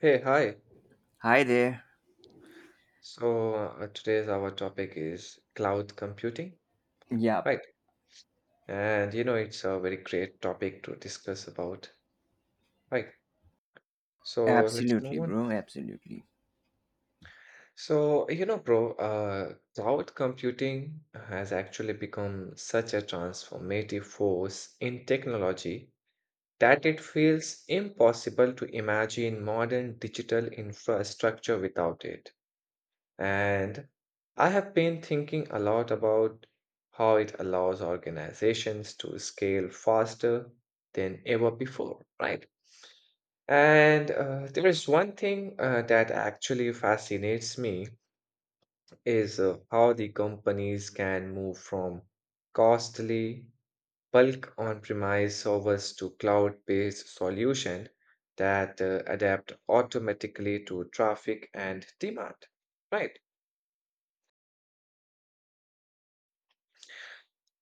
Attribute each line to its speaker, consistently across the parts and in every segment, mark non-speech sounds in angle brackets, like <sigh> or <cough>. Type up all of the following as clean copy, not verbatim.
Speaker 1: Hey, hi.
Speaker 2: Hi there.
Speaker 1: Today's our topic is cloud computing,
Speaker 2: Yeah,
Speaker 1: right? And you know, it's a very great topic to discuss about, right? So, let's move
Speaker 2: absolutely,
Speaker 1: on.
Speaker 2: bro. Absolutely.
Speaker 1: Cloud computing has actually become such a transformative force in technology that it feels impossible to imagine modern digital infrastructure without it. And I have been thinking a lot about how it allows organizations to scale faster than ever before, right? And There is one thing that actually fascinates me is how the companies can move from costly bulk on-premise servers to cloud-based solution that adapt automatically to traffic and demand, right?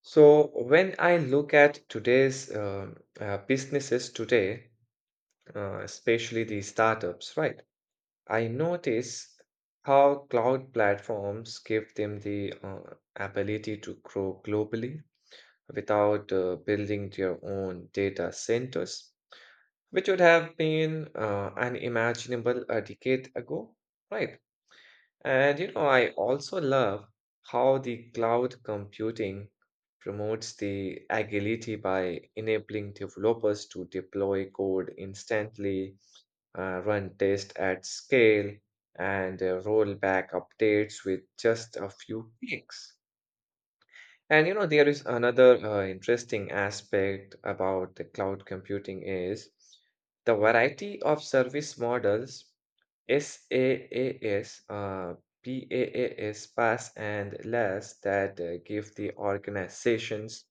Speaker 1: So when I look at today's businesses today, especially the startups, right? I notice how cloud platforms give them the ability to grow globally without building their own data centers, which would have been unimaginable a decade ago, right? And you know, I also love how the cloud computing promotes the agility by enabling developers to deploy code instantly, run tests at scale, and roll back updates with just a few clicks. And you know, there is another interesting aspect about the cloud computing is the variety of service models SAAS, PAAS, pass and LAS that give the organizations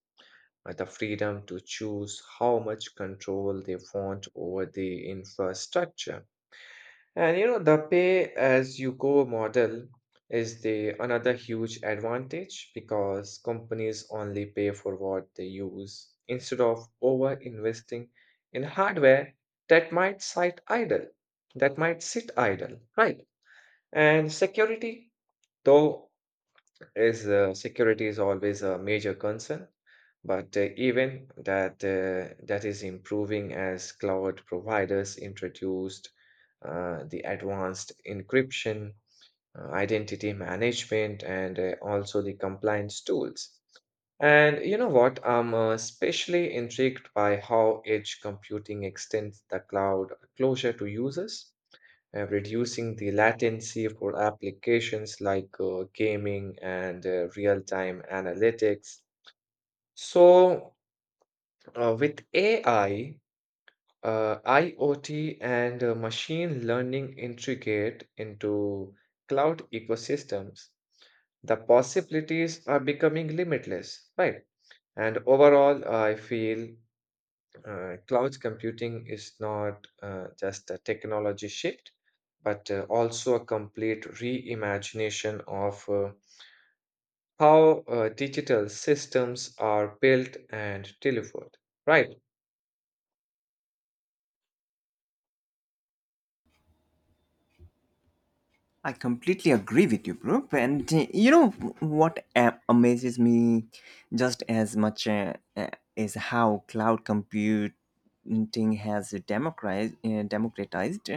Speaker 1: the freedom to choose how much control they want over the infrastructure. And you know, the pay as you go model is the another huge advantage because companies only pay for what they use instead of over investing in hardware that might sit idle, that might sit idle, right? And though, security is always a major concern, but even that is improving as cloud providers introduced the advanced encryption, identity management, and also the compliance tools. And you know what? I'm especially intrigued by how edge computing extends the cloud closure to users reducing the latency for applications like gaming and real-time analytics. So, with AI, IoT, and machine learning integrate into cloud ecosystems, the possibilities are becoming limitless, right? And overall, I feel cloud computing is not just a technology shift, but also a complete reimagination of how digital systems are built and delivered. Right.
Speaker 2: I completely agree with you, bro. And you know what amazes me just as much is how cloud computing has democratized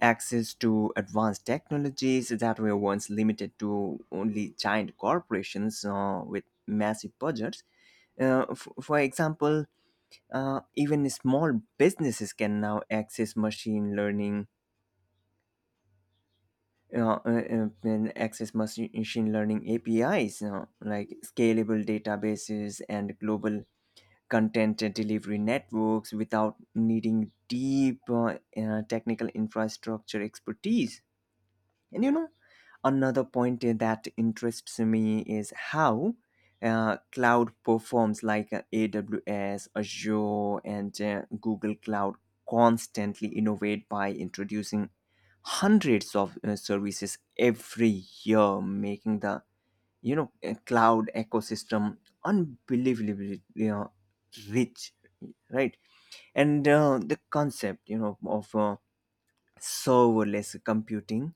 Speaker 2: access to advanced technologies that were once limited to only giant corporations with massive budgets. For example, even small businesses can now access machine learning, machine learning APIs, you know, like scalable databases and global content delivery networks without needing deep technical infrastructure expertise. And you know, another point that interests me is how cloud performs like AWS, Azure, and Google Cloud constantly innovate by introducing hundreds of services every year, making the cloud ecosystem unbelievably, you know, rich, right? And the concept, you know, of serverless computing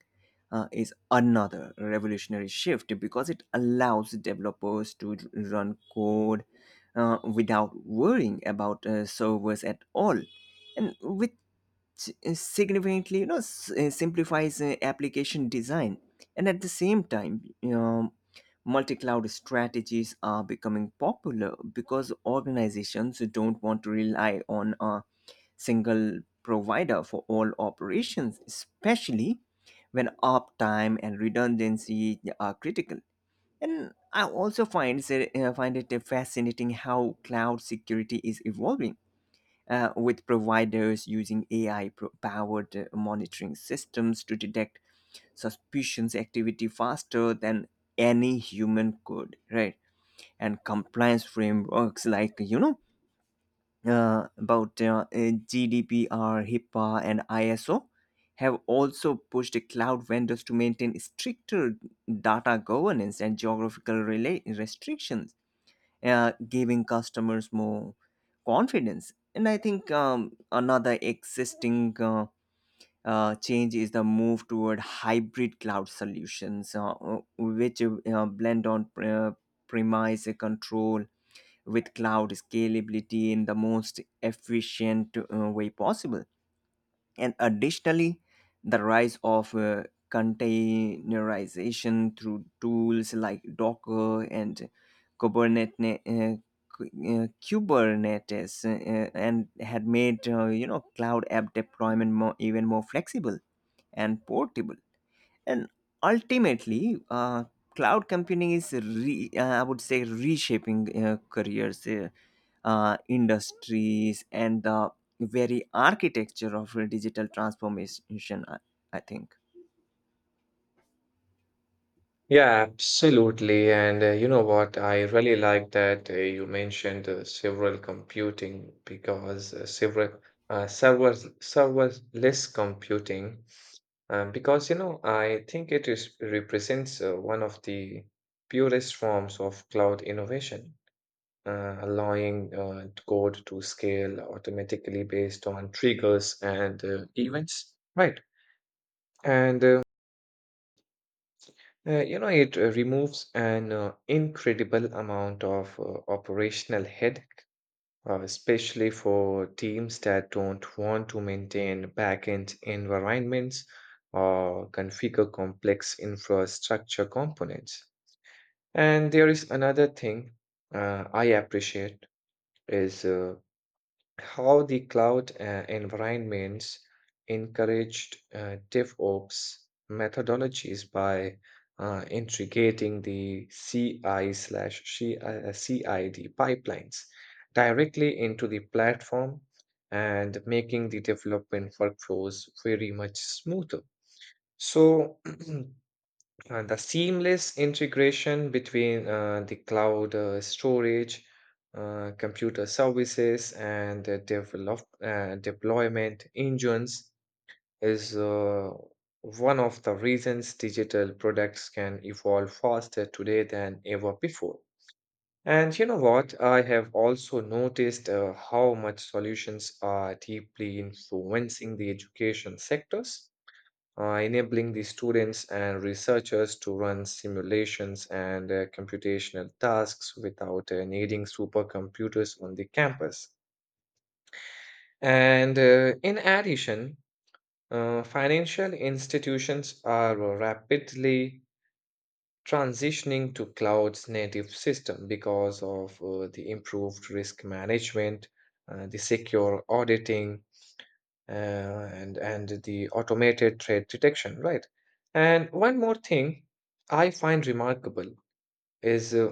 Speaker 2: is another revolutionary shift because it allows developers to run code without worrying about servers at all and significantly, you know, simplifies application design. And at the same time, you know, multi-cloud strategies are becoming popular because organizations don't want to rely on a single provider for all operations, especially when uptime and redundancy, yeah, are critical. And I also find it fascinating how cloud security is evolving with providers using AI powered monitoring systems to detect suspicious activity faster than any human could, right? And compliance frameworks like, you know, about GDPR, HIPAA, and ISO have also pushed cloud vendors to maintain stricter data governance and geographical restrictions, giving customers more confidence. And I think, another existing change is the move toward hybrid cloud solutions, which blend on premise control with cloud scalability in the most efficient way possible. And additionally, the rise of containerization through tools like Docker and Kubernetes, uh, and had made you know, cloud app deployment more, even more flexible and portable. And ultimately, cloud computing is, I would say, reshaping careers, industries, and the very architecture of digital transformation, I think.
Speaker 1: Yeah, absolutely. And you know what? I really like that you mentioned several computing because several server serverless computing. Because, you know, I think represents one of the purest forms of cloud innovation, allowing code to scale automatically based on triggers and events. Right. And you know, it removes an incredible amount of operational head, especially for teams that don't want to maintain backend environments or configure complex infrastructure components. And there is another thing I appreciate is how the cloud environments encouraged DevOps methodologies by integrating the CI slash CI uh, CID pipelines directly into the platform and making the development workflows very much smoother. So, <clears throat> The seamless integration between the cloud storage, computer services, and the deployment engines is one of the reasons digital products can evolve faster today than ever before. And you know what? I have also noticed how much solutions are deeply influencing the education sectors enabling the students and researchers to run simulations and computational tasks without needing supercomputers on the campus. And in addition, financial institutions are rapidly transitioning to cloud's native system because of the improved risk management, the secure auditing, and the automated threat detection, right? And one more thing I find remarkable is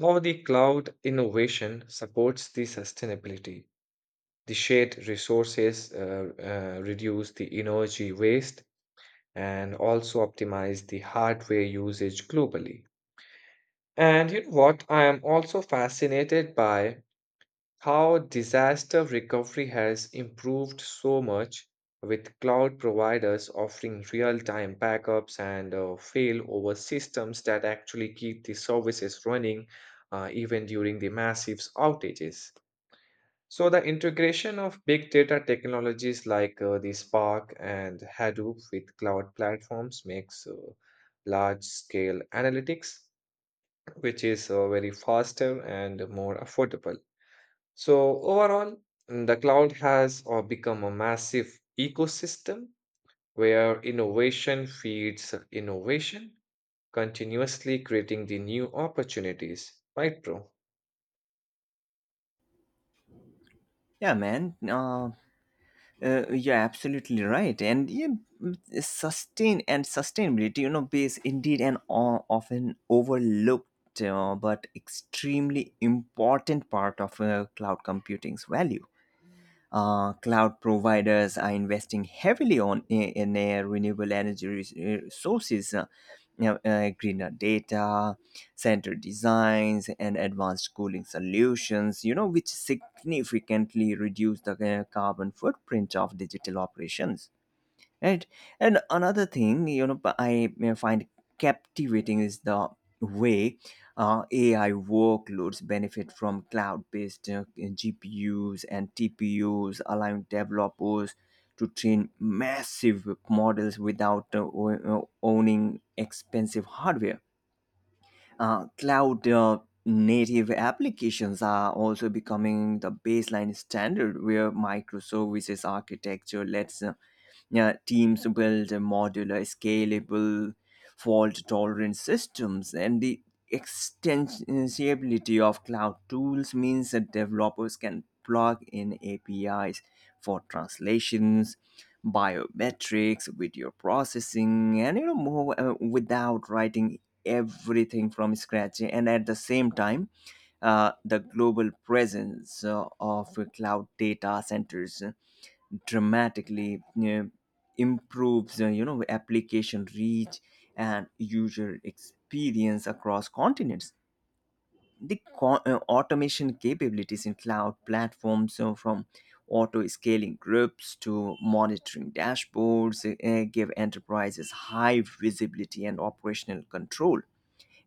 Speaker 1: how the cloud innovation supports the sustainability. The shared resources reduce the energy waste and also optimize the hardware usage globally. And you know what? I am also fascinated by how disaster recovery has improved so much with cloud providers offering real-time backups and failover systems that actually keep the services running even during the massive outages. So the integration of big data technologies like the Spark and Hadoop with cloud platforms makes large-scale analytics, which is very faster and more affordable. So overall, the cloud has become a massive ecosystem where innovation feeds innovation, continuously creating the new opportunities. Right, bro?
Speaker 2: Yeah, man. You're absolutely right. And yeah, sustainability, you know, is indeed often overlooked, but extremely important part of cloud computing's value. Cloud providers are investing heavily in their renewable energy sources, you know, greener data center designs, and advanced cooling solutions. You know, which significantly reduce the carbon footprint of digital operations, right? And another thing, you know, but I may find captivating is the way AI workloads benefit from cloud-based GPUs and TPUs, allowing developers to train massive models without owning expensive hardware. Cloud native applications are also becoming the baseline standard, where microservices architecture lets, yeah, teams build a modular, scalable, fault-tolerant systems, and the extensibility of cloud tools means that developers can plug in APIs for translations, biometrics, video processing, and, you know, more without writing everything from scratch. And at the same time, the global presence of cloud data centers dramatically improves, you know, application reach and user experience across continents. The automation capabilities in cloud platforms, so from auto scaling groups to monitoring dashboards, give enterprises high visibility and operational control.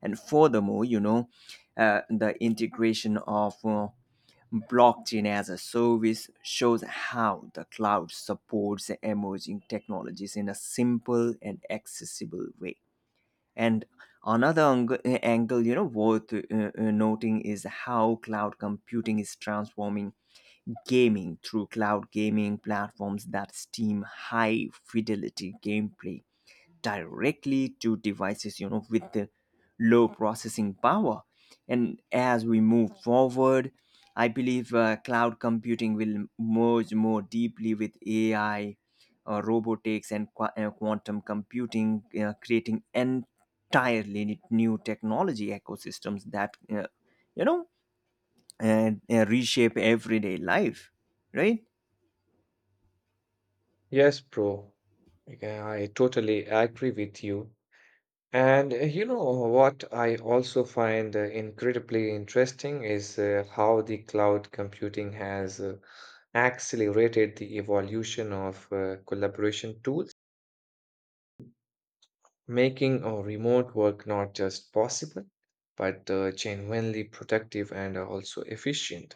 Speaker 2: And furthermore, you know, the integration of blockchain as a service shows how the cloud supports emerging technologies in a simple and accessible way. And another ang- angle, you know, worth noting is how cloud computing is transforming gaming through cloud gaming platforms that steam high fidelity gameplay directly to devices, you know, with the low processing power. And as we move forward, I believe cloud computing will merge more deeply with AI, robotics, and quantum computing, creating entirely new technology ecosystems that, you know and reshape everyday life, right?
Speaker 1: Yes, bro. Yeah, I totally agree with you. And you know what? I also find incredibly interesting is how the cloud computing has accelerated the evolution of collaboration tools making remote work not just possible, but genuinely productive and also efficient.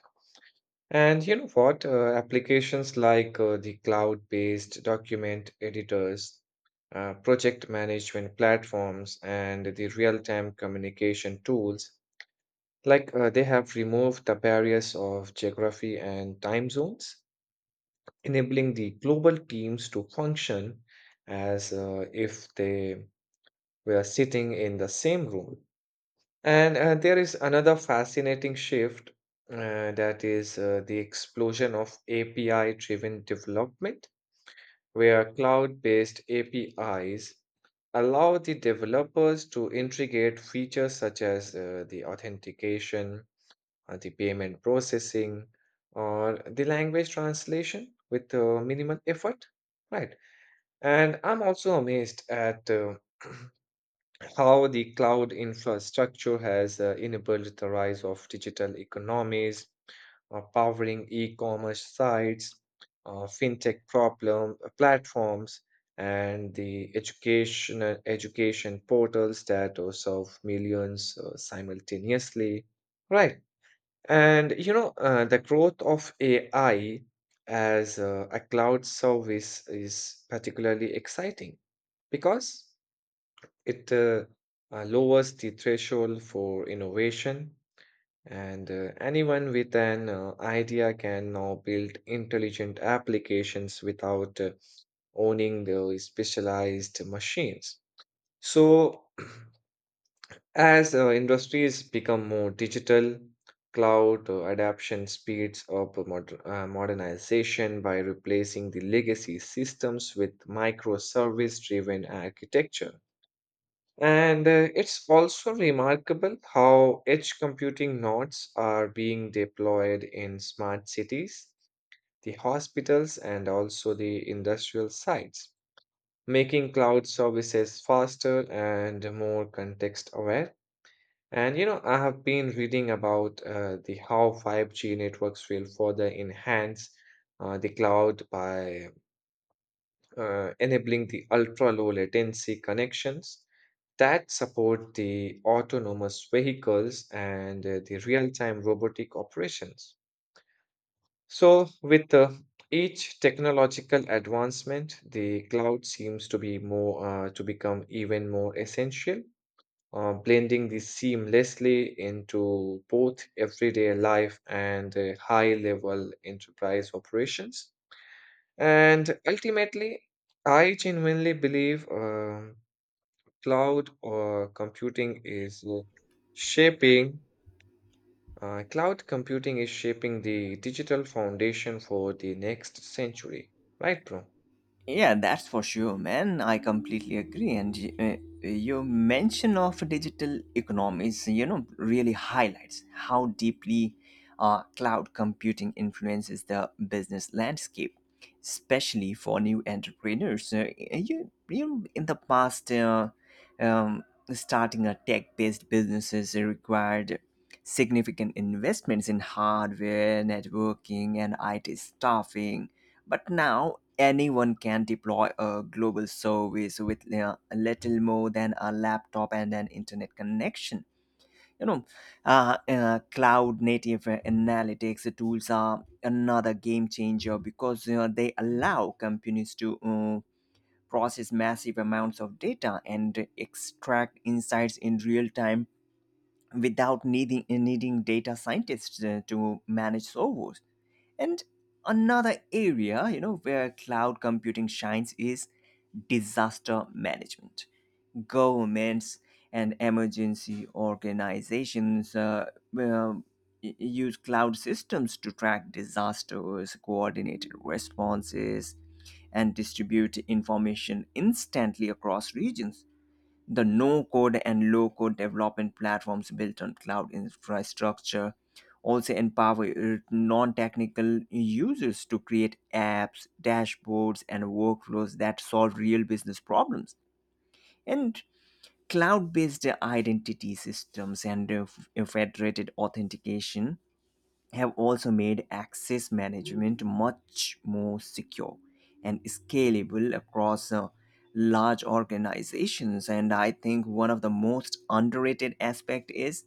Speaker 1: And you know what? Applications like the cloud based document editors, project management platforms, and the real time communication tools, like they have removed the barriers of geography and time zones, enabling the global teams to function as if they were sitting in the same room. And there is another fascinating shift that is the explosion of API driven development, where cloud based APIs allow the developers to integrate features such as the authentication, the payment processing, or the language translation with minimal effort. Right. And I'm also amazed at how the cloud infrastructure has enabled the rise of digital economies, powering e-commerce sites, fintech problem platforms, and the education portals that serve millions simultaneously. Right, and you know the growth of AI as a cloud service is particularly exciting because it lowers the threshold for innovation, and anyone with an idea can now build intelligent applications without owning the specialized machines. So, <clears throat> as industries become more digital, cloud adoption speeds up modernization by replacing the legacy systems with microservice driven architecture. And it's also remarkable how edge computing nodes are being deployed in smart cities, the hospitals, and also the industrial sites, making cloud services faster and more context aware. And you know, I have been reading about the how 5G networks will further enhance the cloud by enabling the ultra low latency connections that support the autonomous vehicles and the real time robotic operations. So, with each technological advancement, the cloud seems to become even more essential, blending this seamlessly into both everyday life and high level enterprise operations. And ultimately, I genuinely believe cloud or computing is uh, shaping, cloud computing is shaping the digital foundation for the next century. Right, bro?
Speaker 2: Yeah, that's for sure, man. I completely agree. And your mention of digital economies, you know, really highlights how deeply cloud computing influences the business landscape, especially for new entrepreneurs. You know, in the past, um, starting a tech-based businesses required significant investments in hardware, networking, and IT staffing. But now anyone can deploy a global service with little more than a laptop and an internet connection. You know, cloud native analytics tools are another game changer because, you know, they allow companies to process massive amounts of data and extract insights in real time without needing data scientists to manage servers. And another area, you know, where cloud computing shines is disaster management. Governments and emergency organizations um, use cloud systems to track disasters, coordinate responses, and distribute information instantly across regions. The no code and low code development platforms built on cloud infrastructure also empower non technical users to create apps, dashboards, and workflows that solve real business problems. And cloud based identity systems and federated authentication have also made access management much more secure and scalable across large organizations. And I think one of the most underrated aspect is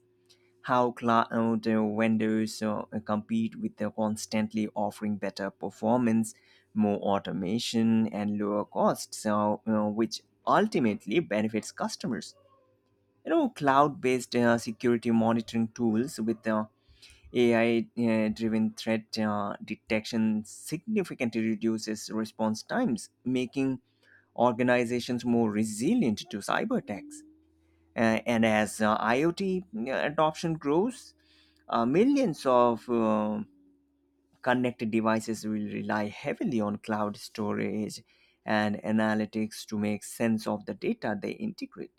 Speaker 2: how cloud vendors compete with the constantly offering better performance, more automation, and lower costs, so, you know, which ultimately benefits customers. You know, cloud based security monitoring tools with AI-driven threat detection significantly reduces response times, making organizations more resilient to cyber attacks. And as IoT adoption grows, millions of, connected devices will rely heavily on cloud storage and analytics to make sense of the data they integrate.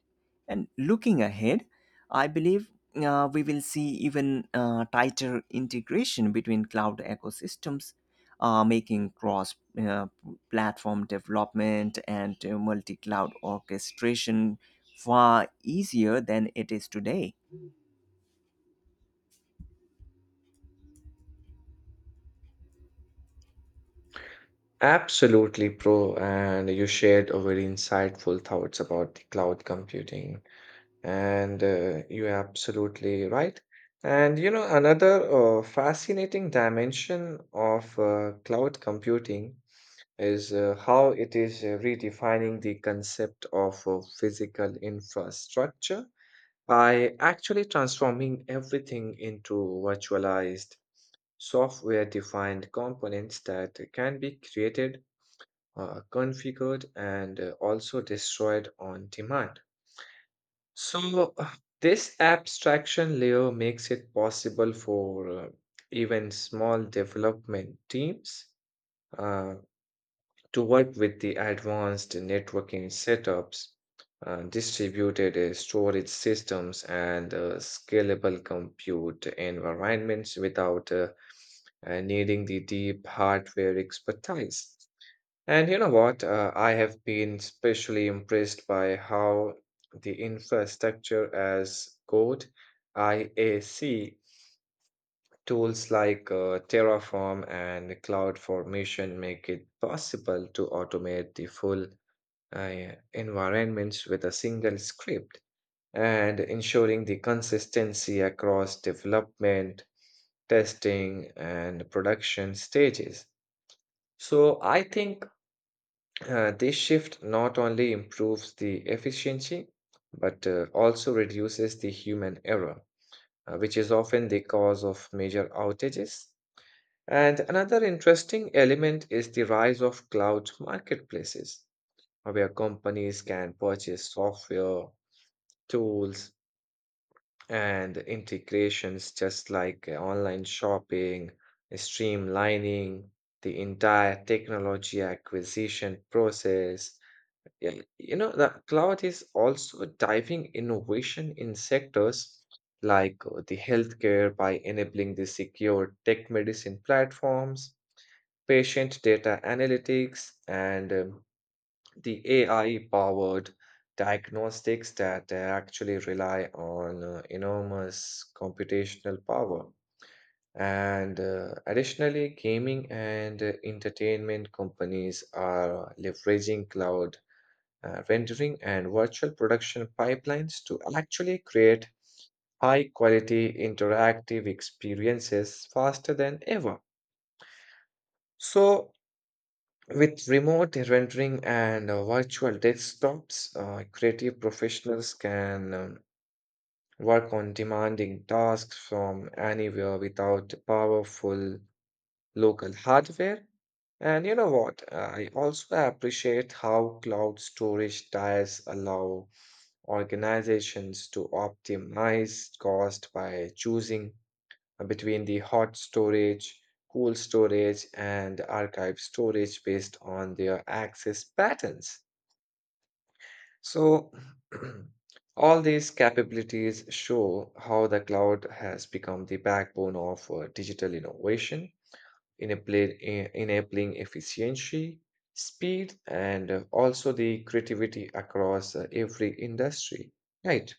Speaker 2: And looking ahead, I believe we will see even tighter integration between cloud ecosystems, making cross uh, platform development and multi cloud orchestration far easier than it is today.
Speaker 1: Absolutely, bro. And you shared a very insightful thoughts about the cloud computing. And you're absolutely right. And you know, another fascinating dimension of cloud computing is how it is redefining the concept of physical infrastructure by actually transforming everything into virtualized, software defined components that can be created, configured, and also destroyed on demand. So, this abstraction layer makes it possible for even small development teams uh, to work with the advanced networking setups, distributed storage systems, and scalable compute environments without needing the deep hardware expertise. And you know what? I have been especially impressed by how the infrastructure as code, IAC, tools like Terraform and cloud formation make it possible to automate the full uh, environments with a single script and ensuring the consistency across development, testing, and production stages. So I think this shift not only improves the efficiency, but also reduces the human error, which is often the cause of major outages. And another interesting element is the rise of cloud marketplaces, where companies can purchase software, tools, and integrations just like online shopping, streamlining the entire technology acquisition process. Yeah, you know, the cloud is also driving innovation in sectors like the healthcare by enabling the secure tech medicine platforms, patient data analytics, and the AI-powered diagnostics that actually rely on enormous computational power. And additionally, gaming and entertainment companies are leveraging cloud rendering and virtual production pipelines to actually create high quality interactive experiences faster than ever. So, with remote rendering and virtual desktops, creative professionals can work on demanding tasks from anywhere without powerful local hardware. And you know what? I also appreciate how cloud storage tiers allow organizations to optimize cost by choosing between the hot storage, cool storage, and archive storage based on their access patterns. So, <clears throat> all these capabilities show how the cloud has become the backbone of digital innovation enabling, enabling efficiency, speed, and also the creativity across every industry. Right.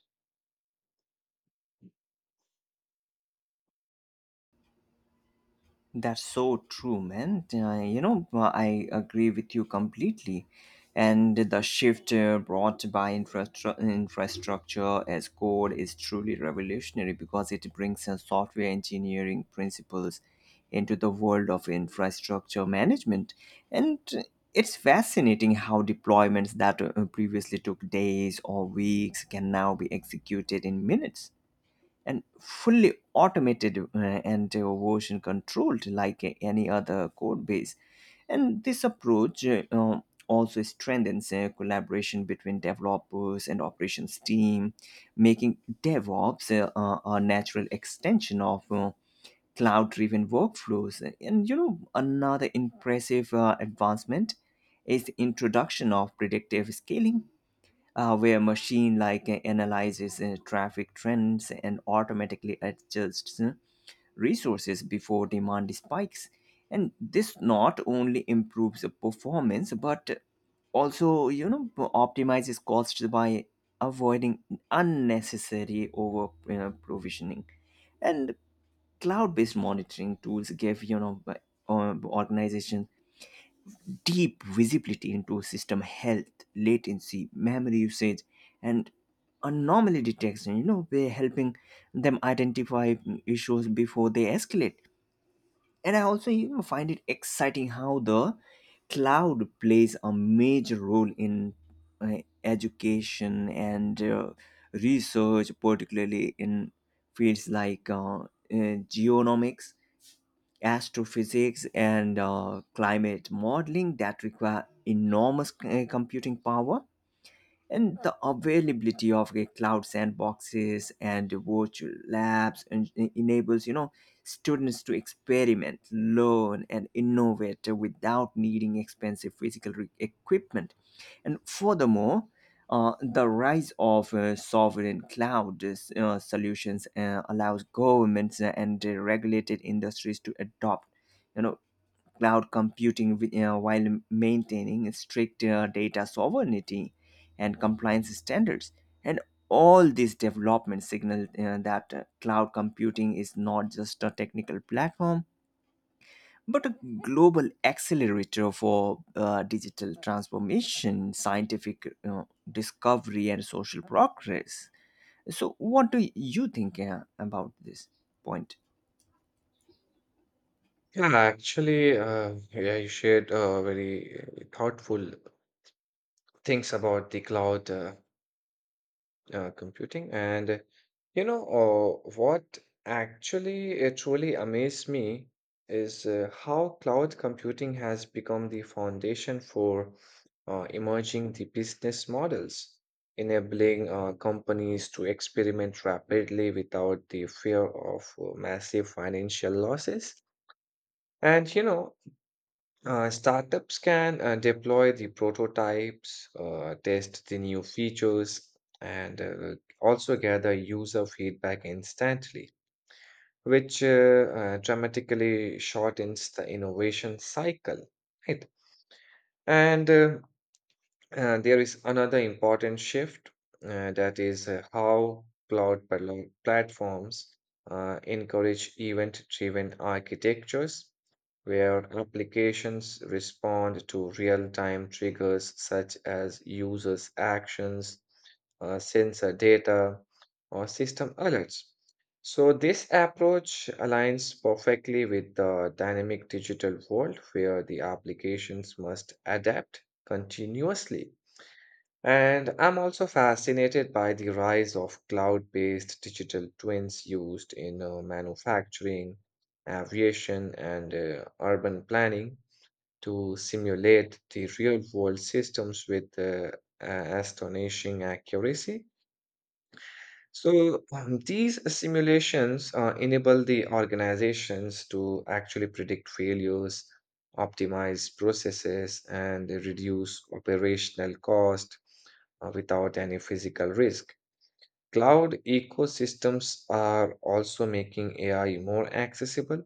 Speaker 2: That's so true, man. I agree with you completely. And the shift brought by infrastructure as code is truly revolutionary because it brings software engineering principles into the world of infrastructure management. And it's fascinating how deployments that previously took days or weeks can now be executed in minutes and fully automated and version controlled like any other code base. And this approach also strengthens collaboration between developers and operations team, making DevOps a natural extension of cloud-driven workflows. And, you know, another impressive advancement is the introduction of predictive scaling, where machine like analyzes traffic trends and automatically adjusts resources before demand spikes. And this not only improves the performance but also, you know, optimizes costs by avoiding unnecessary over you provisioning. And cloud based monitoring tools give, you know, organizations deep visibility into system health, latency, memory usage, and anomaly detection. You know, we're helping them identify issues before they escalate. And I also, you know, find it exciting how the cloud plays a major role in uh, education and research, particularly in fields like genomics, astrophysics, and climate modeling that require enormous computing power. And the availability of cloud sandboxes and virtual labs enables, you know, students to experiment, learn, and innovate without needing expensive physical equipment. And furthermore, the rise of sovereign cloud solutions allows governments and regulated industries to adopt, you know, cloud computing, while maintaining strict data sovereignty and compliance standards. And all these developments signal that cloud computing is not just a technical platform, but a global accelerator for digital transformation, scientific discovery, and social progress. So, what do you think about this point?
Speaker 1: Yeah, actually, you shared very thoughtful things about the cloud computing. And uh, you know, uh, what actually truly amazed me is how cloud computing has become the foundation for emerging the business models, enabling companies to experiment rapidly without the fear of massive financial losses. And startups can deploy the prototypes, test the new features, and also gather user feedback instantly, which dramatically shortens the innovation cycle, right? And there is another important shift that is how cloud platforms encourage event-driven architectures where applications respond to real-time triggers such as users' actions, sensor data, or system alerts. So, this approach aligns perfectly with the dynamic digital world where the applications must adapt continuously. And I'm also fascinated by the rise of cloud-based digital twins used in manufacturing, aviation, and urban planning to simulate the real-world systems with astonishing accuracy. So, these simulations enable the organizations to actually predict failures, optimize processes, and reduce operational cost without any physical risk. Cloud ecosystems are also making AI more accessible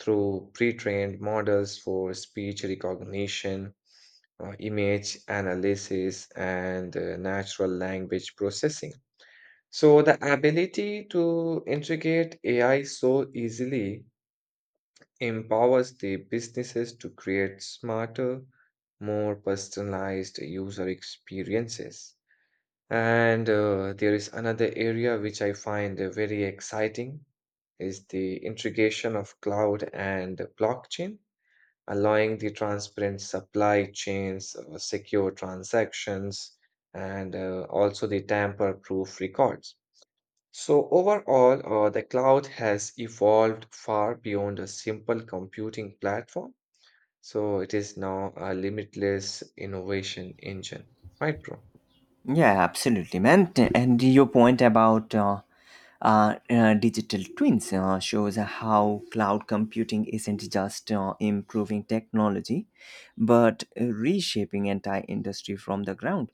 Speaker 1: through pre-trained models for speech recognition, image analysis, and natural language processing. So, the ability to integrate AI so easily empowers the businesses to create smarter, more personalized user experiences. And there is another area which I find very exciting is the integration of cloud and blockchain, allowing the transparent supply chains, secure transactions, and also the tamper-proof records. So overall, the cloud has evolved far beyond a simple computing platform. So it is now a limitless innovation engine, right, bro?
Speaker 2: Yeah, absolutely, man. And your point about digital twins shows how cloud computing isn't just improving technology, but reshaping entire industry from the ground.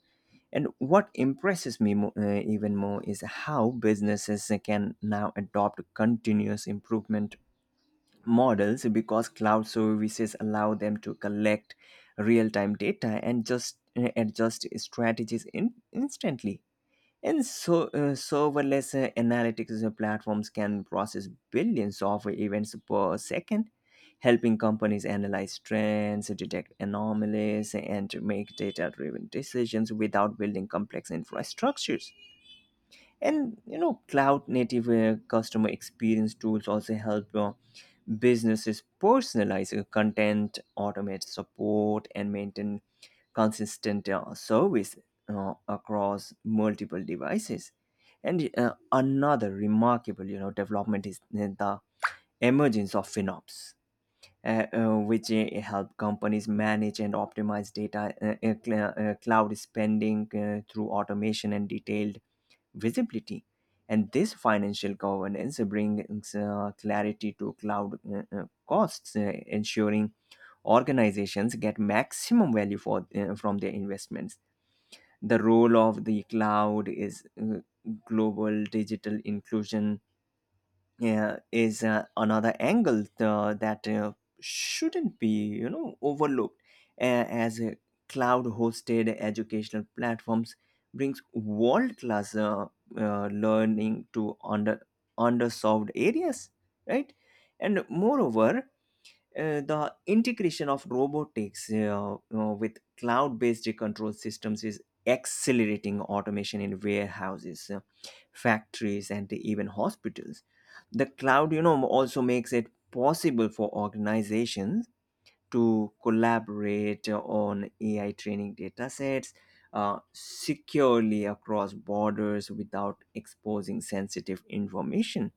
Speaker 2: And what impresses me even more is how businesses can now adopt continuous improvement models because cloud services allow them to collect real-time data and just adjust strategies instantly. And so serverless analytics platforms can process billions of events per second, helping companies analyze trends, detect anomalies, and make data-driven decisions without building complex infrastructures. And, you know, cloud native customer experience tools also help businesses personalize content, automate support, and maintain consistent service across multiple devices. And another remarkable, you know, development is the emergence of finops, which help companies manage and optimize data cloud spending through automation and detailed visibility. And this financial governance brings clarity to cloud costs, ensuring organizations get maximum value from their investments. The role of the cloud is global digital inclusion is another angle that shouldn't be, you know, overlooked, uh, as cloud hosted educational platforms brings world class learning to underserved areas, right? And moreover, the integration of robotics with cloud-based control systems is accelerating automation in warehouses, factories, and even hospitals. The cloud, you know, also makes it possible for organizations to collaborate on AI training data sets securely across borders without exposing sensitive information.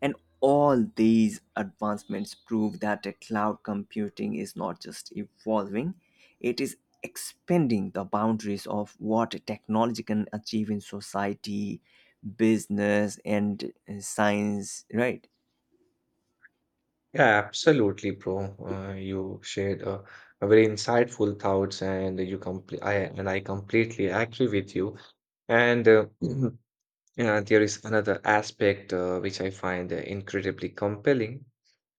Speaker 2: And all these advancements prove that a cloud computing is not just evolving, it is expanding the boundaries of what technology can achieve in society, business, and science, right?
Speaker 1: Yeah, absolutely, bro. You shared a very insightful thoughts, and you complete. I and I completely agree with you. And <clears throat> yeah, there is another aspect which I find incredibly compelling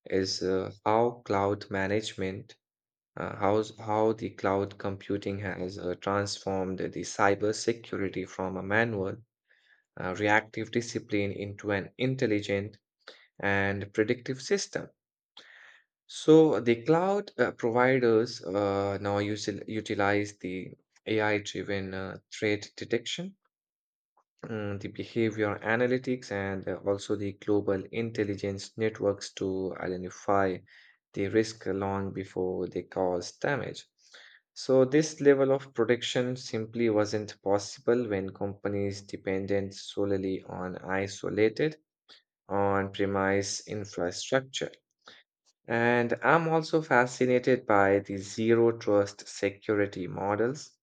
Speaker 1: is how how the cloud computing has transformed the cybersecurity from a manual, reactive discipline into an intelligent and predictive system. So the cloud providers now utilize the AI-driven threat detection the behavior analytics and also the global intelligence networks to identify the risk long before they cause damage. So, this level of protection simply wasn't possible when companies depended solely on isolated on premise infrastructure. And I'm also fascinated by the zero trust security models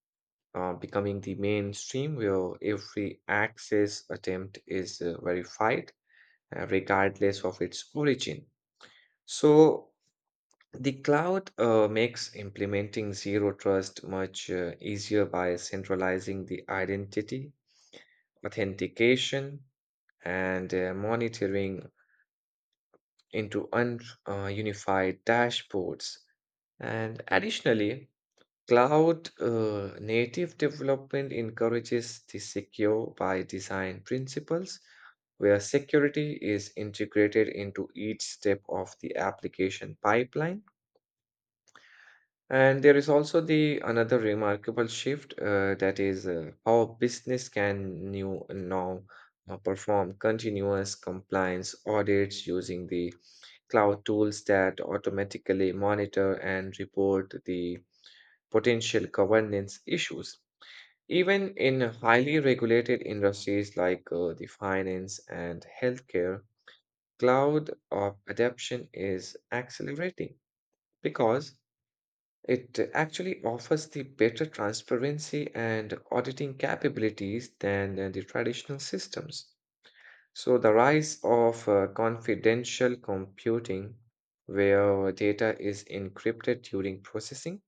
Speaker 1: becoming the mainstream where every access attempt is verified regardless of its origin. So the cloud makes implementing zero trust much easier by centralizing the identity, authentication, and monitoring into unified dashboards. And additionally, cloud native development encourages the secure by design principles where security is integrated into each step of the application pipeline. And there is also the another remarkable shift that is how business now perform continuous compliance audits using the cloud tools that automatically monitor and report the potential governance issues. Even in highly regulated industries like the finance and healthcare, cloud adoption is accelerating because it actually offers the better transparency and auditing capabilities than the traditional systems. So, the rise of confidential computing, where data is encrypted during processing,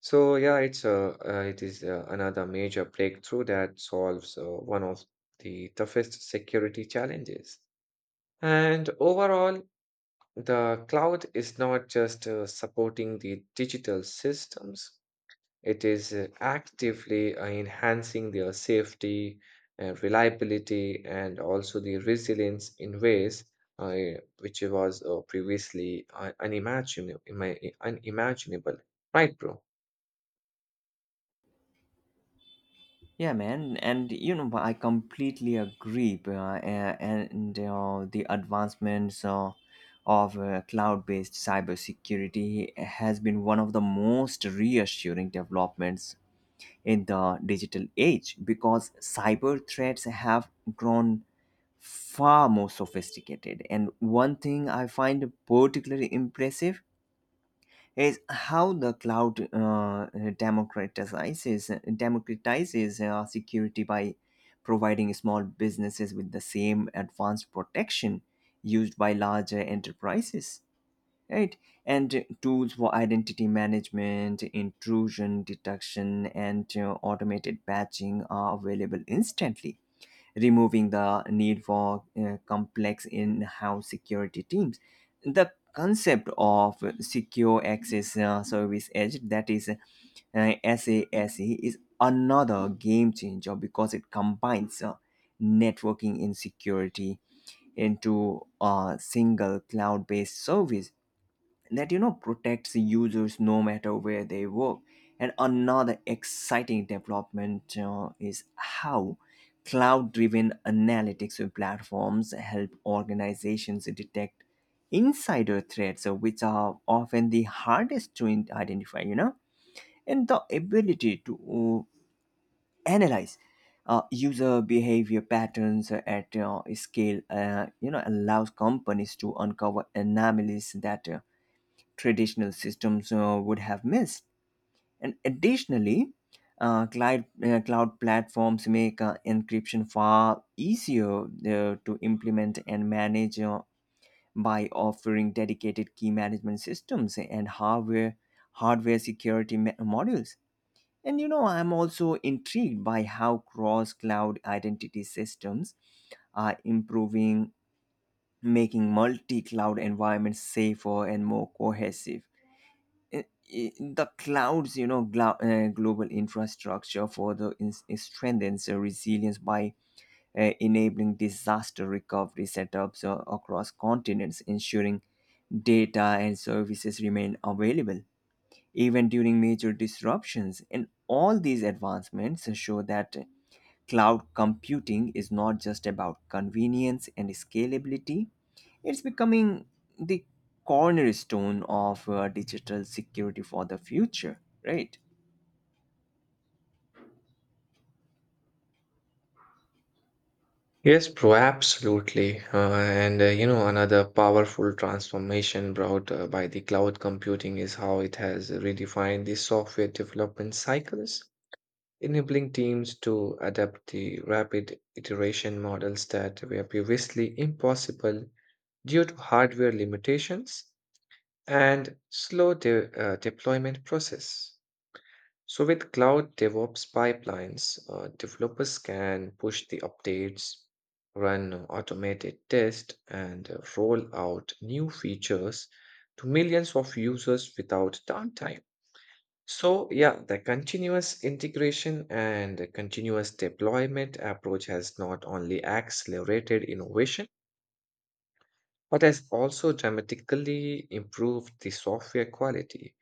Speaker 1: so yeah, it is another major breakthrough that solves one of the toughest security challenges. And overall, the cloud is not just supporting the digital systems, it is actively enhancing their safety and reliability and also the resilience in ways uh, which was previously unimaginable. Right, bro?
Speaker 2: Yeah, man, and, you know, I completely agree. And the advancements of cloud-based cybersecurity has been one of the most reassuring developments in the digital age because cyber threats have grown far more sophisticated. And one thing I find particularly impressive is how the cloud democratizes democratizes security by providing small businesses with the same advanced protection used by larger enterprises, right? And tools for identity management, intrusion detection, and automated patching are available instantly, removing the need for complex in house security teams. The concept of secure access service edge, that is SASE, is another game changer because it combines networking and security into a single cloud based service that, you know, protects users no matter where they work. And another exciting development is how cloud driven analytics platforms help organizations detect insider threats which are often the hardest to identify, you know. And the ability to analyze user behavior patterns at scale, you know, allows companies to uncover anomalies that traditional systems would have missed. And additionally, cloud platforms make encryption far easier to implement and manage by offering dedicated key management systems and hardware security modules. And, you know, I'm also intrigued by how cross cloud identity systems are improving, making multi cloud environments safer and more cohesive. i- i- the clouds, you know, global infrastructure further strengthens resilience by enabling disaster recovery setups across continents, ensuring data and services remain available even during major disruptions. And all these advancements show that cloud computing is not just about convenience and scalability, it's becoming the cornerstone of digital security for the future, right?
Speaker 1: Yes, bro, absolutely. And another powerful transformation brought by the cloud computing is how it has redefined the software development cycles, enabling teams to adapt the rapid iteration models that were previously impossible due to hardware limitations and slow deployment process. So with cloud DevOps pipelines, developers can push the updates, run automated tests, and roll out new features to millions of users without downtime. So yeah, the continuous integration and the continuous deployment approach has not only accelerated innovation, but has also dramatically improved the software quality.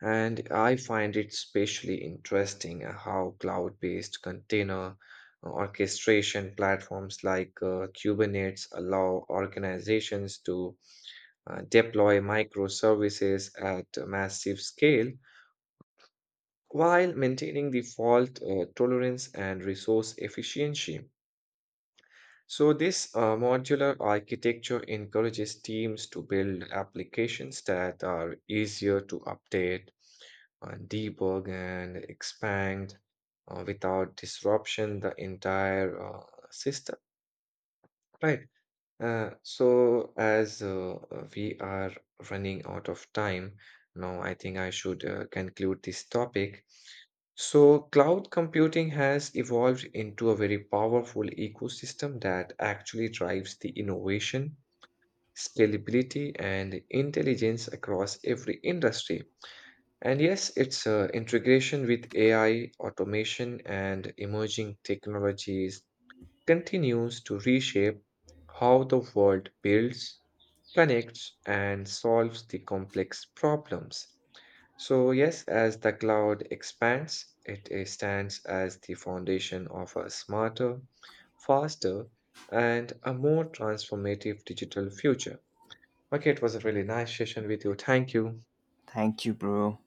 Speaker 1: And I find it especially interesting how cloud-based container orchestration platforms like Kubernetes allow organizations to deploy microservices at a massive scale while maintaining the fault tolerance and resource efficiency. So, this modular architecture encourages teams to build applications that are easier to update, debug, and expand without disruption the entire system. Right. So, as we are running out of time, now I think I should conclude this topic. So, cloud computing has evolved into a very powerful ecosystem that actually drives the innovation, scalability, and intelligence across every industry. And yes, its integration with AI, automation, and emerging technologies continues to reshape how the world builds, connects, and solves the complex problems. So, yes, as the cloud expands, it stands as the foundation of a smarter, faster, and a more transformative digital future. Okay, it was a really nice session with you. Thank you.
Speaker 2: Thank you, bro.